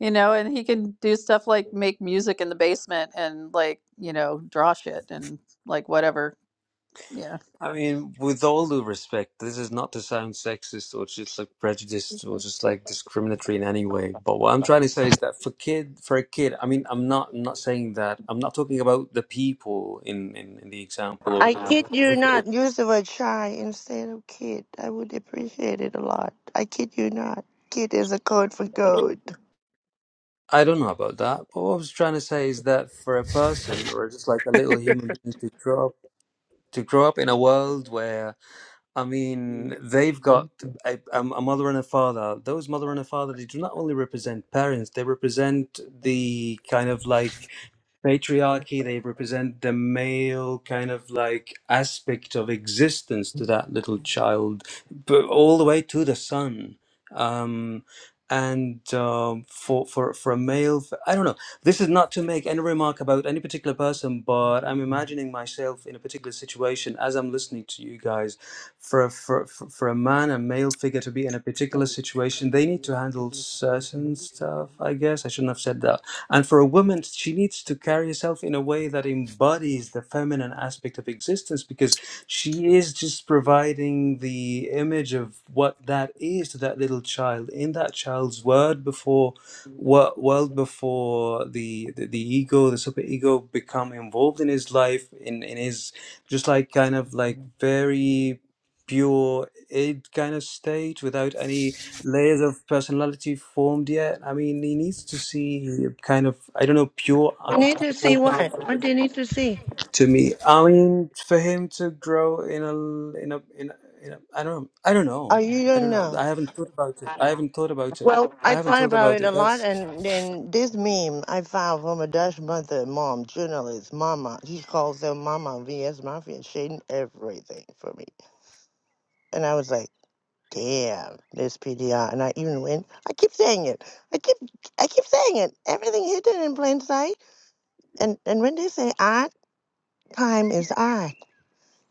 you know and he can do stuff like make music in the basement and like you know draw shit and like whatever yeah. I mean, with all due respect, this is not to sound sexist or just like prejudiced or just like discriminatory in any way. But what I'm trying to say is that for kid for a kid, I mean, I'm not I'm not saying that. I'm not talking about the people in in, in the example. I kid you not. Use the word shy instead of kid. I would appreciate it a lot. I kid you not. Kid is a code for gold. I don't know about that, but what I was trying to say is that for a person or just like a little human being to grow up, to grow up in a world where, I mean, they've got a, a a mother and a father. Those mother and a father, they do not only represent parents, they represent the kind of like patriarchy they represent the male kind of like aspect of existence to that little child but all the way to the son um and um, for for for a male, I don't know. This is not to make any remark about any particular person, but I'm imagining myself in a particular situation as I'm listening to you guys. For a, for for for a man, a male figure to be in a particular situation, they need to handle Thank certain stuff. I guess I shouldn't have said that and for a woman, she needs to carry herself in a way that embodies the feminine aspect of existence because she is just providing the image of what that is to that little child in that child's word before wo- world before the, the the ego the superego become involved in his life in in his just like kind of like very pure id kind of state without any layers of personality formed yet. I mean, he needs to see a kind of I don't know pure You need to see archetypal kind of what? What do figure you need to see? to me. I mean, for him to grow in a l- in a in a, in a I don't I don't Oh, know you I don't don't know. know. I haven't thought about it. I haven't thought about it. Well, I I haven't find thought about about it a it. lot, That's and then this meme I found from a Dutch mother, mom, journalist, mama. She calls them mama vs mafia, shading everything for me. And I was like, damn, this PDR. And I even went, I keep saying it. I keep, I keep saying it. Everything hidden in plain sight. And and when they say "art," time is art.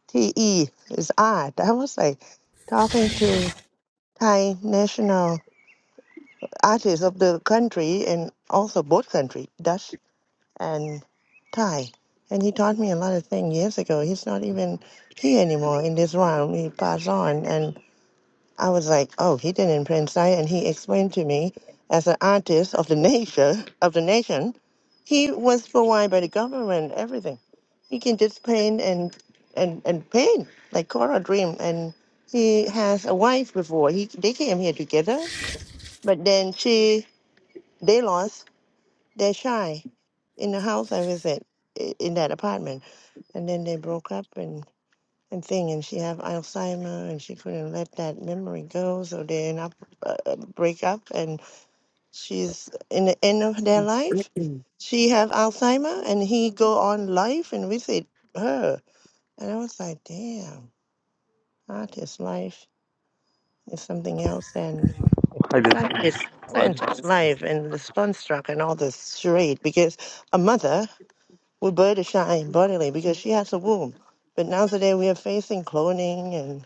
t e is "art." I. was like talking to Thai national artists of the country and also both country, Dutch and Thai. And he taught me a lot of things years ago. He's not even here anymore in this realm. He passed on. And I was like, oh, he did in Prince Thai. And he explained to me, as an artist of the nation, of the nation, he was provided by the government, everything. He can just paint and, and, and paint, like Cora Dream. And he has a wife before. He, they came here together. But then she, they lost they're shy. In the house I was at, i- in that apartment, and then they broke up and and thing, and she have Alzheimer, and she couldn't let that memory go, so they end up uh, uh, break up, and she's in the end of their life. She have Alzheimer, and he go on life and visit her, and I was like, damn, artist life is something else than I did scientist, why did scientist life and the construct and all this charade because a mother. We bird shine you. bodily because she has a womb. But now today we are facing cloning and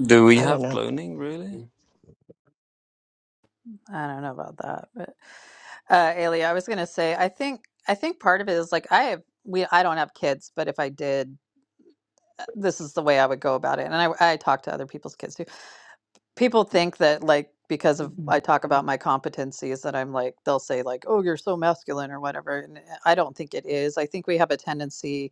do we I don't have know. cloning really? I don't know about that, but uh Ailey, I was gonna say I think I think part of it is like I have we I don't have kids, but if I did, uh, this is the way I would go about it. And I I talk to other people's kids too. People think that like because of I talk about my competencies that I'm like they'll say like, "Oh, you're so masculine" or whatever. And uh, I don't think it is. I think we have a tendency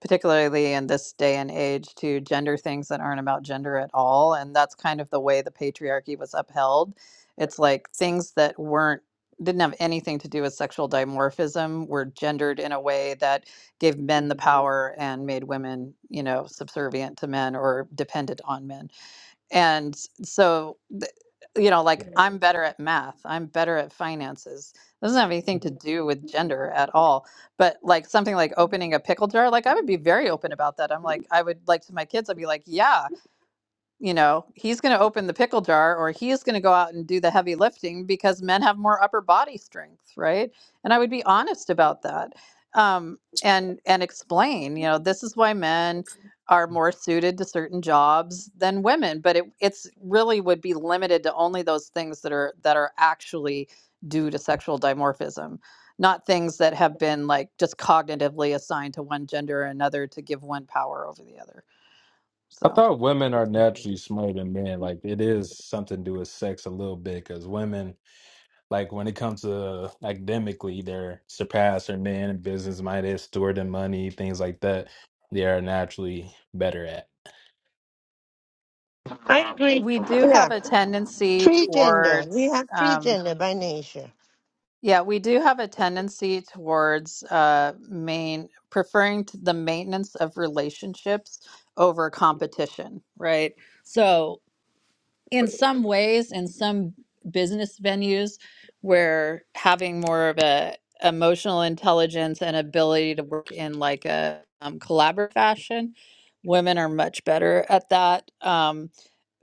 particularly in this day and age, to gender things that aren't about gender at all. And that's kind of the way the patriarchy was upheld. It's like things that weren't didn't have anything to do with sexual dimorphism were gendered in a way that gave men the power and made women you know subservient to men or dependent on men and so th- you know like i'm better at math i'm better at finances doesn't have anything to do with gender at all but like something like opening a pickle jar like i would be very open about that i'm like i would like to my kids i'd be like yeah you know, he's going to open the pickle jar or he is going to go out and do the heavy lifting because men have more upper body strength, right? And I would be honest about that. Um, and and explain, you know, this is why men are more suited to certain jobs than women, but it it's really would be limited to only those things that are that are actually due to sexual dimorphism, not things that have been like just cognitively assigned to one gender or another to give one power over the other. I So thought women are naturally smarter than men. Like it is something to do with sex a little bit because women Like when it comes to academically, they're surpassed or men business minded, steward and money, things like that. They are naturally better at. I agree. We do Yeah. have a tendency Tree gender. We towards, have tree um, gender by nature. yeah, we do have a tendency towards uh, main preferring to the maintenance of relationships over competition, right? So, in some ways, in some business venues, where having more of a emotional intelligence and ability to work in like a um, collaborative fashion, women are much better at that. Um,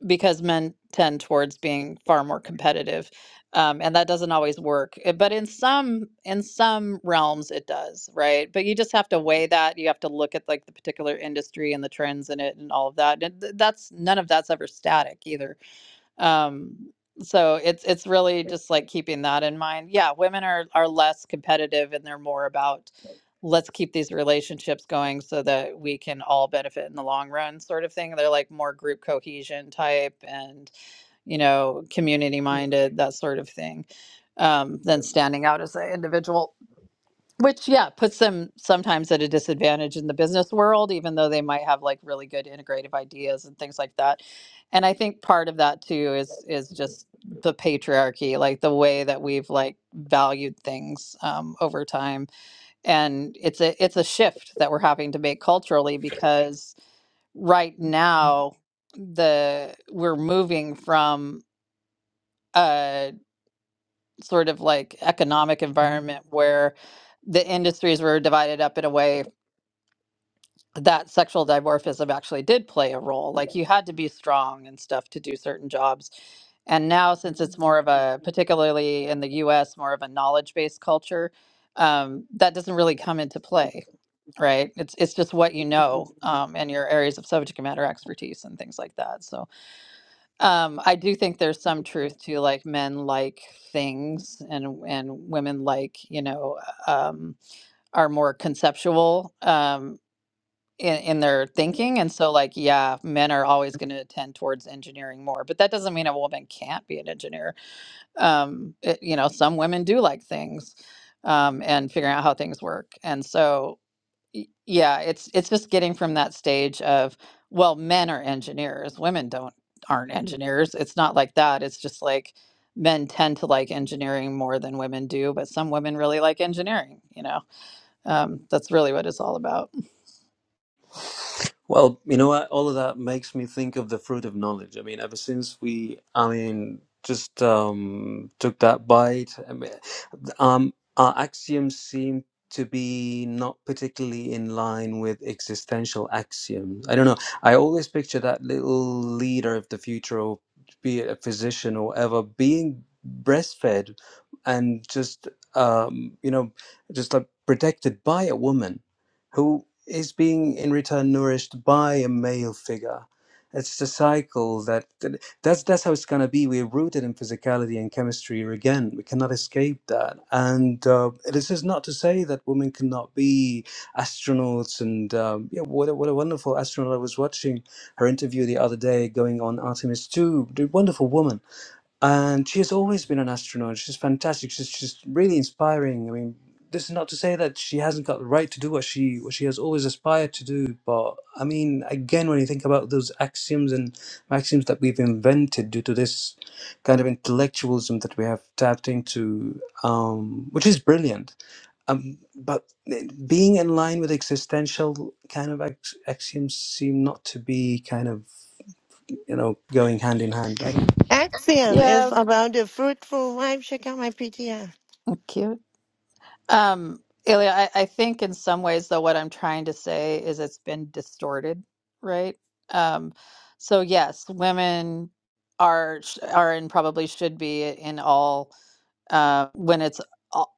because men tend towards being far more competitive um, and that doesn't always work Uh, but in some in some realms it does right but you just have to weigh that you have to look at like the particular industry and the trends in it and all of that and th- that's none of that's ever static either um so it's it's really just like keeping that in mind yeah women are are less competitive and they're more about let's keep these relationships going so that we can all benefit in the long run sort of thing they're like more group cohesion type and you know community minded that sort of thing um than standing out as an individual which, yeah, puts them sometimes at a disadvantage in the business world, even though they might have like really good integrative ideas and things like that. And I think part of that too is is just the patriarchy, like the way that we've like valued things um, over time. And it's a it's a shift that we're having to make culturally because right now the we're moving from a sort of like economic environment where the industries were divided up in a way that sexual dimorphism actually did play a role. Like you had to be strong and stuff to do certain jobs. And now, since it's more of a, particularly in the US, more of a knowledge based culture, um, that doesn't really come into play, right? It's, it's just what you know um, and your areas of subject matter expertise and things like that. So um, I do think there's some truth to like men like things and, and women like, you know, um, are more conceptual. Um, in, in their thinking. And so, like, yeah, men are always going to tend towards engineering more, but that doesn't mean a woman can't be an engineer. Um, it, you know, some women do like things um, and figuring out how things work. And so, y- yeah, it's it's just getting from that stage of well, men are engineers, women don't aren't engineers. It's not like that. It's just like men tend to like engineering more than women do, but some women really like engineering. You know, um, that's really what it's all about. Well, you know what? All of that makes me think of the fruit of knowledge. I mean, ever since we, I mean, just um, took that bite, I mean, um, our axioms seem to be not particularly in line with existential axioms. I don't know. I always picture that little leader of the future, or be it a physician or ever, being breastfed and just, um, you know, just like protected by a woman who is being in return nourished by a male figure. It's the cycle that, that that's that's how it's gonna be. We're rooted in physicality and chemistry again. We cannot escape that. And uh, this is not to say that women cannot be astronauts. And um, yeah, what a, what a wonderful astronaut I was watching her interview the other day, going on Artemis Two. The wonderful woman and she has always been an astronaut. She's fantastic. She's she's really inspiring. I mean, this is not to say that she hasn't got the right to do what she what she has always aspired to do, but I mean, again, when you think about those axioms and maxims that we've invented due to this kind of intellectualism that we have tapped into, um, which is brilliant, um, but eh, being in line with existential kind of ax- axioms seem not to be kind of you know going hand in hand. right? Axiom Yeah, is about the fruitful wife. Check out my PTR. Cute. Um, Ilya, I, I think in some ways, though, what I'm trying to say is it's been distorted, right? Um, so yes, women are sh- are and probably should be in all uh, when it's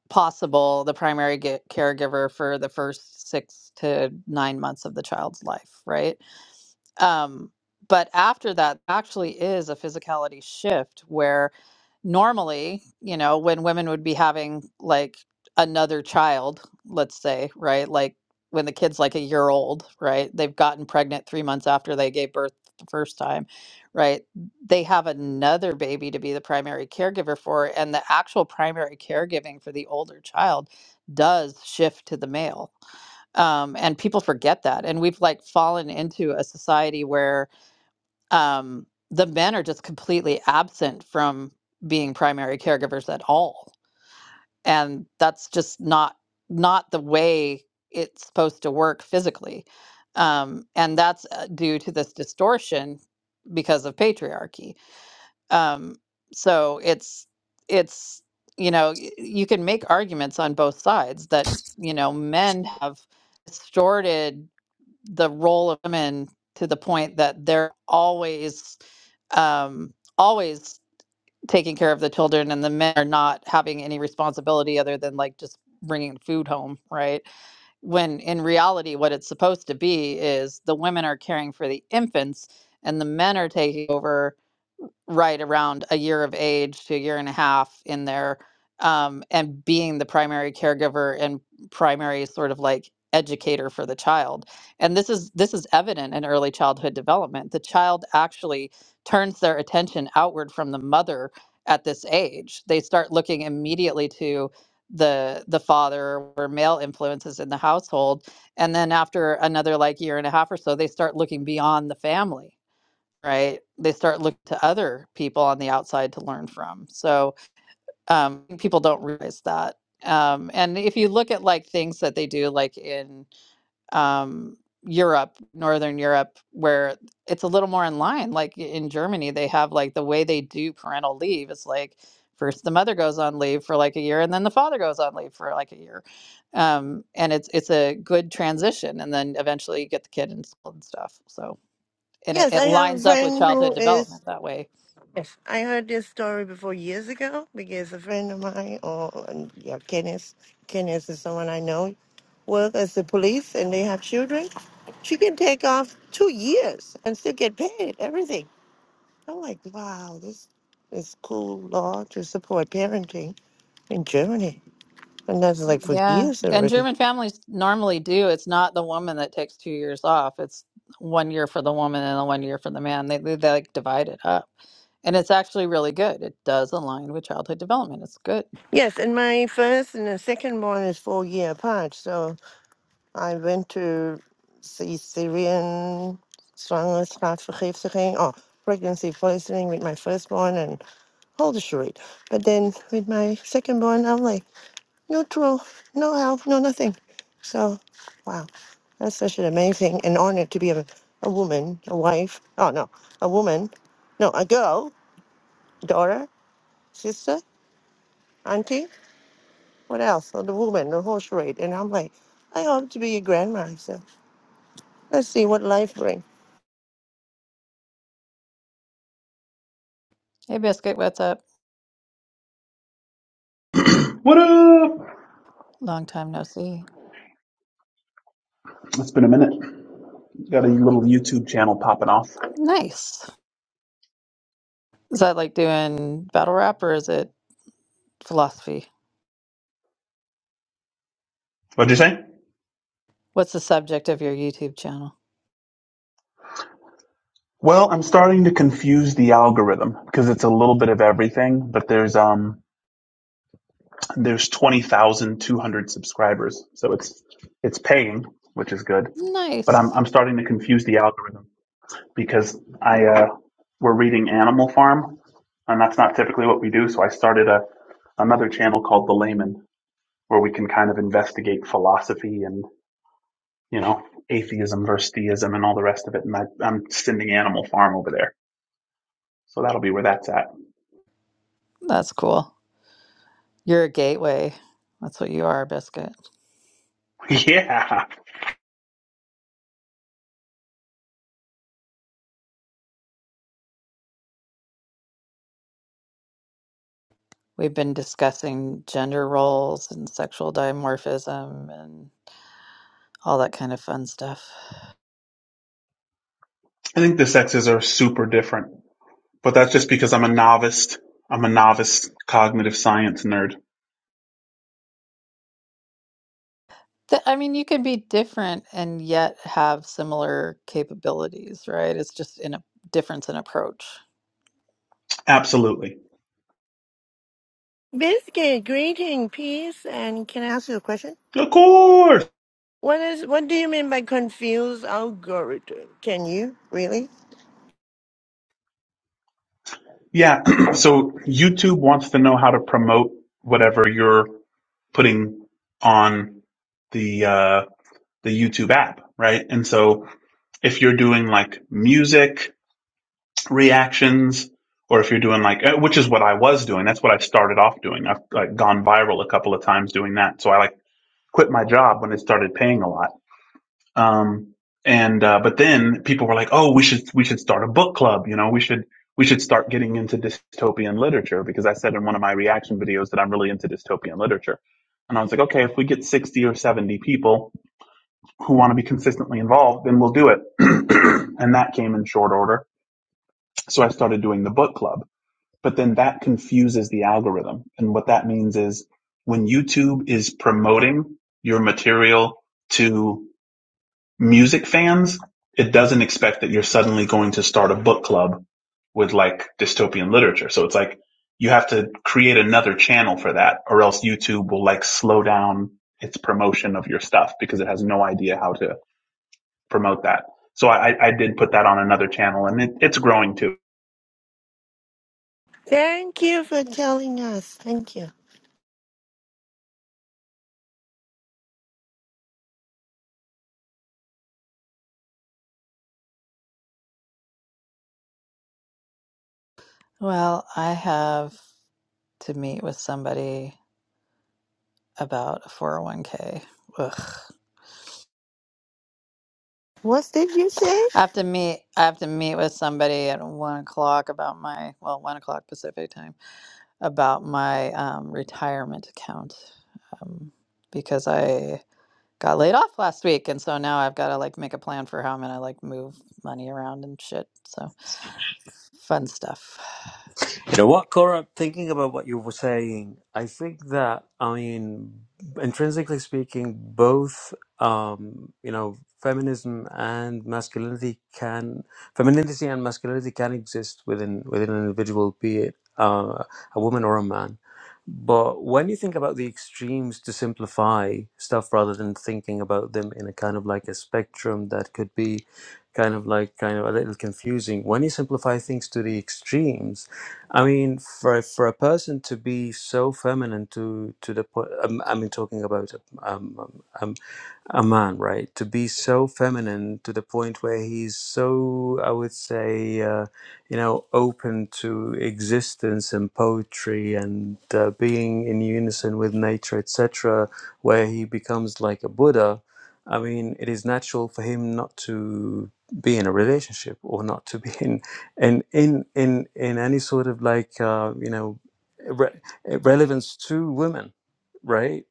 possible, the primary ge- caregiver for the first six to nine months of the child's life, right? Um, but after that actually is a physicality shift where normally, you know, when women would be having like another child, let's say, right? Like when the kid's like a year old, right? They've gotten pregnant three months after they gave birth the first time, right? They have another baby to be the primary caregiver for, and the actual primary caregiving for the older child does shift to the male um, and people forget that and we've like fallen into a society where um, the men are just completely absent from being primary caregivers at all and that's just not not the way it's supposed to work physically um, and that's uh, due to this distortion because of patriarchy um, so it's it's you know y- you can make arguments on both sides that you know men have distorted the role of women to the point that they're always um, always taking care of the children and the men are not having any responsibility other than like just bringing food home right when in reality what it's supposed to be is the women are caring for the infants and the men are taking over right around a year of age to a year and a half in there um, and being the primary caregiver and primary sort of like educator for the child and this is this is evident in early childhood development the child actually turns their attention outward from the mother at this age they start looking immediately to the the father or male influences in the household and then after another like year and a half or so they start looking beyond the family right? They start looking to other people on the outside to learn from. So um, people don't realize that. Um, and if you look at like things that they do, like in um, Europe, Northern Europe, where it's a little more in line, like in Germany, they have like the way they do parental leave is like first the mother goes on leave for like a year and then the father goes on leave for like a year um, and it's it's a good transition and then eventually you get the kid installed and stuff so and it, Yes, it I have a lines up with friend childhood who is. development that way. Yes, I heard this story before years ago because a friend of mine, or and, yeah, Kenneth, Kenneth is someone I know, work as the police and they have children. She can take off two years and still get paid everything I'm like, wow, this is cool law to support parenting in Germany. And that's like for Yeah, years and already. German families normally do. It's not the woman that takes two years off. It's one year for the woman and the one year for the man. They they, they like divide it up, and it's actually really good. It does align with childhood development. It's good. Yes, and my first and the second one is four year apart. So I went to see Syrian Zwangerschaftsvergiftiging or pregnancy poisoning with my firstborn and all the charade. But then with my second born, I'm like neutral, no help, no nothing. So, wow. That's such an amazing and honor to be a, a woman, a wife. Oh, no, a woman. No, a girl, daughter, sister, auntie. What else? Oh, the woman, the whole charade. And I'm like, I hope to be a grandma. So let's see what life brings. Hey, biscuit, what's up? What up? Long time no see. It's been a minute. Got a little YouTube channel popping off. Nice. Is that like doing battle rap or is it philosophy? What'd you say? What's the subject of your YouTube channel? Well, I'm starting to confuse the algorithm because it's a little bit of everything, but there's um there's 20,200 subscribers. So it's it's paying, which is good, but Nice. I'm I'm starting to confuse the algorithm because I uh we're reading Animal Farm and that's not typically what we do, so I started a another channel called The Layman where we can kind of investigate philosophy and. you know, atheism versus theism and all the rest of it. And I, I'm sending Animal Farm over there. So that'll be where that's at. That's cool. You're a gateway. That's what you are, biscuit. Yeah. We've been discussing gender roles and sexual dimorphism and all that kind of fun stuff. I think the sexes are super different, but that's just because I'm a novice. I'm a novice cognitive science nerd. Th- I mean, you can be different and yet have similar capabilities, right? It's just in a difference in approach. Absolutely. Biscuit, greeting, peace. And can I ask you a question? Of course. What is? What do you mean by confused algorithm? Can you really? Yeah. so YouTube wants to know how to promote whatever you're putting on the, uh, the YouTube app, right? And so if you're doing like music reactions or if you're doing like uh, which is what I was doing that's what I started off doing I've like gone viral a couple of times doing that so I like quit my job when it started paying a lot um and uh, but then people were like oh we should we should start a book club you know we should we should start getting into dystopian literature because I said in one of my reaction videos that I'm really into dystopian literature and I was like okay if we get 60 or 70 people who want to be consistently involved then we'll do it and that came in short order so I started doing the book club but then that confuses the algorithm. And what that means is when YouTube is promoting your material to music fans, it doesn't expect that you're suddenly going to start a book club with like dystopian literature. So it's like you have to create another channel for that or else YouTube will like slow down its promotion of your stuff because it has no idea how to promote that. So I, I did put that on another channel and it, it's growing too. Thank you for telling us. Thank you. Well, I have to meet with somebody about a 401k. Ugh. What did you say? I have to meet. I have to meet with somebody at one o'clock about my well, one o'clock Pacific time about my um, retirement account um, because I got laid off last week, and so now I've got to like make a plan for how I'm gonna like move money around and shit. So fun stuff. You know what, Cora? Thinking about what you were saying, I think that I mean, intrinsically speaking, both um, you know, feminism and masculinity can femininity and masculinity can exist within within an individual, be it uh, a woman or a man. But when you think about the extremes to simplify stuff rather than thinking about them in a kind of like a spectrum that could be kind of like kind of a little confusing, when you simplify things to the extremes I mean, for for a person to be so feminine to to the point, um, I mean, talking about um, um, um, a man, right? To be so feminine to the point where he's so, I would say, uh, you know, open to existence and poetry and uh, being in unison with nature, etc., where he becomes like a Buddha. I mean, it is natural for him not to be in a relationship or not to be in and in in in any sort of like uh, you know re- relevance to women, right?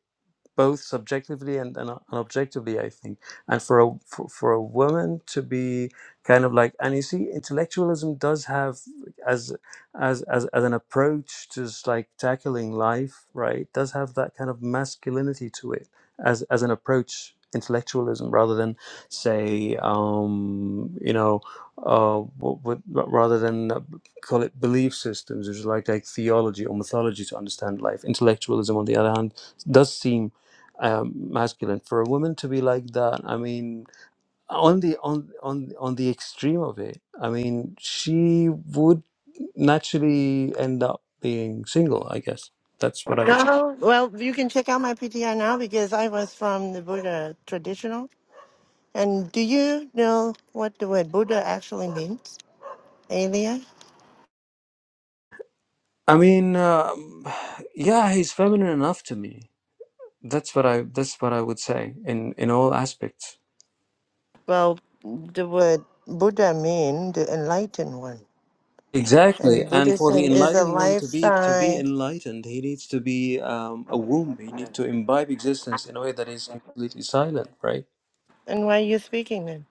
both subjectively and, and, uh, and objectively i think and for a for, for a woman to be kind of like and you see intellectualism does have as as as, as an approach to just like tackling life right does have that kind of masculinity to it as as an approach intellectualism rather than say um you know uh what, what, rather than uh, call it belief systems which is like like theology or mythology to understand life intellectualism on the other hand does seem um, masculine for a woman to be like that i mean on the on on on the extreme of it i mean she would naturally end up being single i guess that's what i would No, well, you can check out my PTR now because I was from the Buddha traditional. And do you know what the word Buddha actually means, Alia? i mean um, yeah he's feminine enough to me that's what i that's what i would say in in all aspects Well, the word Buddha means the enlightened one. And exactly the and for the Buddhism is a enlightened one to be to be lifestyle. enlightened he needs to be um, a womb he needs to imbibe existence in a way that is completely silent right And why are you speaking then?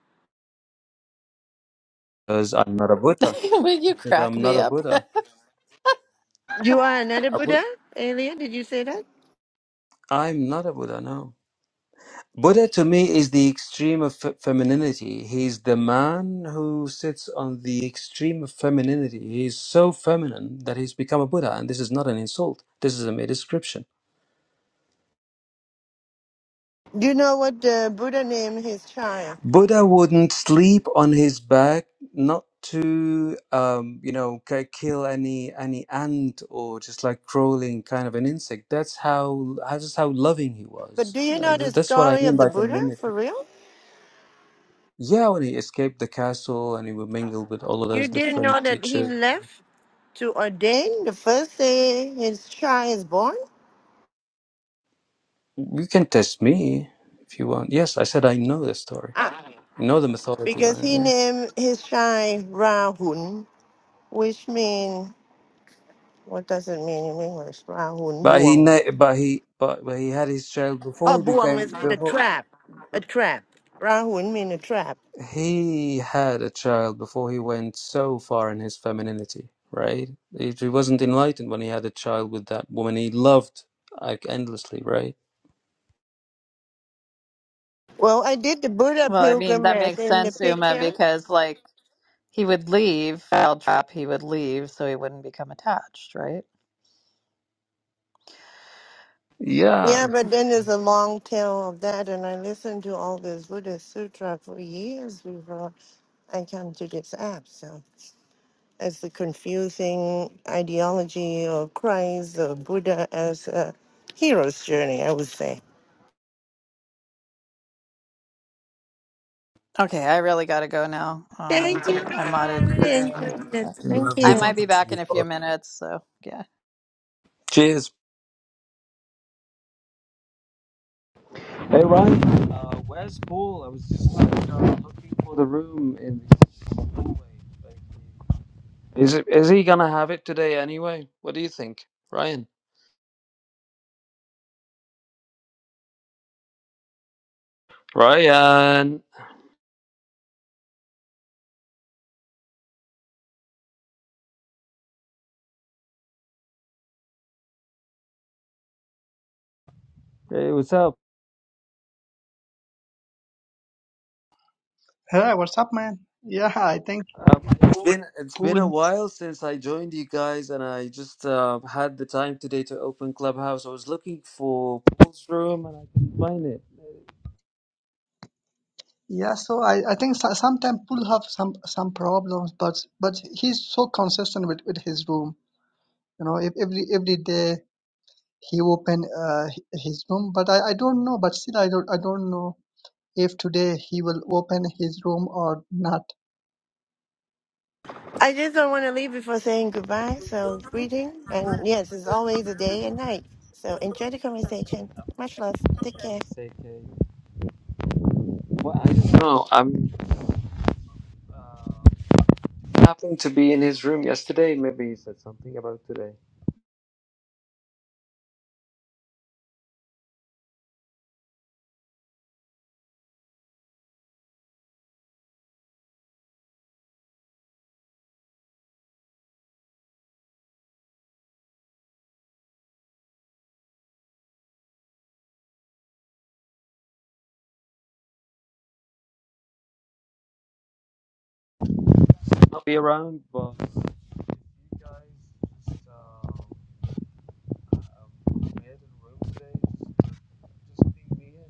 because I'm not a Buddha. Will you Because crack I'm not me a up? Buddha. You are another A Bud- Buddha, Alia? Did you say that? I'm not a Buddha. No, Buddha to me is the extreme of fe- femininity. He's the man who sits on the extreme of femininity. He's so feminine that he's become a Buddha, and this is not an insult. This is a mere description. Do you know what the Buddha name is Chai? Buddha wouldn't sleep on his back, not to um, you know ki- kill any any ant or just like crawling kind of an insect. That's how that's just how loving he But was. do you Tha- know tha- the That's what I story mean of the by Buddha femininity. for real? Yeah, when he escaped the castle and he would mingle with all of You those didn't know different that he teachers. left to ordain the first day his child is born. You can test me if you want. Yes, I said I know the story. Ah, I know the mythology because behind it. he Yeah, named his child Rahun, which means, what does it mean in English? Rahun but he Buang. ne- but he but, but he had his child Oh, before he Buang is became mean a before. trap. A trap. Rahun mean a trap. he had a child before he went so far in his femininity, right? He, he wasn't enlightened when he had a child with that woman he loved like endlessly, right? Well, I did the Buddha Well, I mean, that pilgrimage makes in the sense, Uma, picture. because like he would leave, I'll drop, he would leave, so he wouldn't become attached, right? Yeah. Yeah, It's but then there's a long tail of that, and I listened to all this Buddha Sutra for years before I come to this app, so. as the confusing ideology of Christ or Buddha as a hero's journey, I would say. Okay, I really got to go now. Um, Thank you. I I modded really Kareem. enjoyed it. been Thank lovely I might you. be talking to back in you. a few Carl. minutes, so yeah. Cheers. Hey Ryan, uh, where's Paul? I was just like uh, looking for the room in this hallway. Like, Is it, is he gonna have it today anyway? What do you think, Ryan? Ryan. Hey, what's up? Hey, what's up, man? Yeah, I think Um, it's been it's been Pool. a while since I joined you guys, and I just uh, had the time today to open Clubhouse. I was looking for Paul's room, and I couldn't find it. Yeah, so I, I think so, sometimes Pool have some some problems, but but he's so consistent with, with his room. You know, if, every every day he open uh, hi- his room, but I, I don't know. But still, I don't I don't know if today he will open his room or not. I just don't want to leave before saying goodbye. So, greeting. And yes, it's always a day and night. So, enjoy the conversation. Much love. Take By care. Mistake. eh? Well, I don't know. I'm uh, happened to be in his room yesterday. Maybe he said something about today. I'll be around, but. yeah.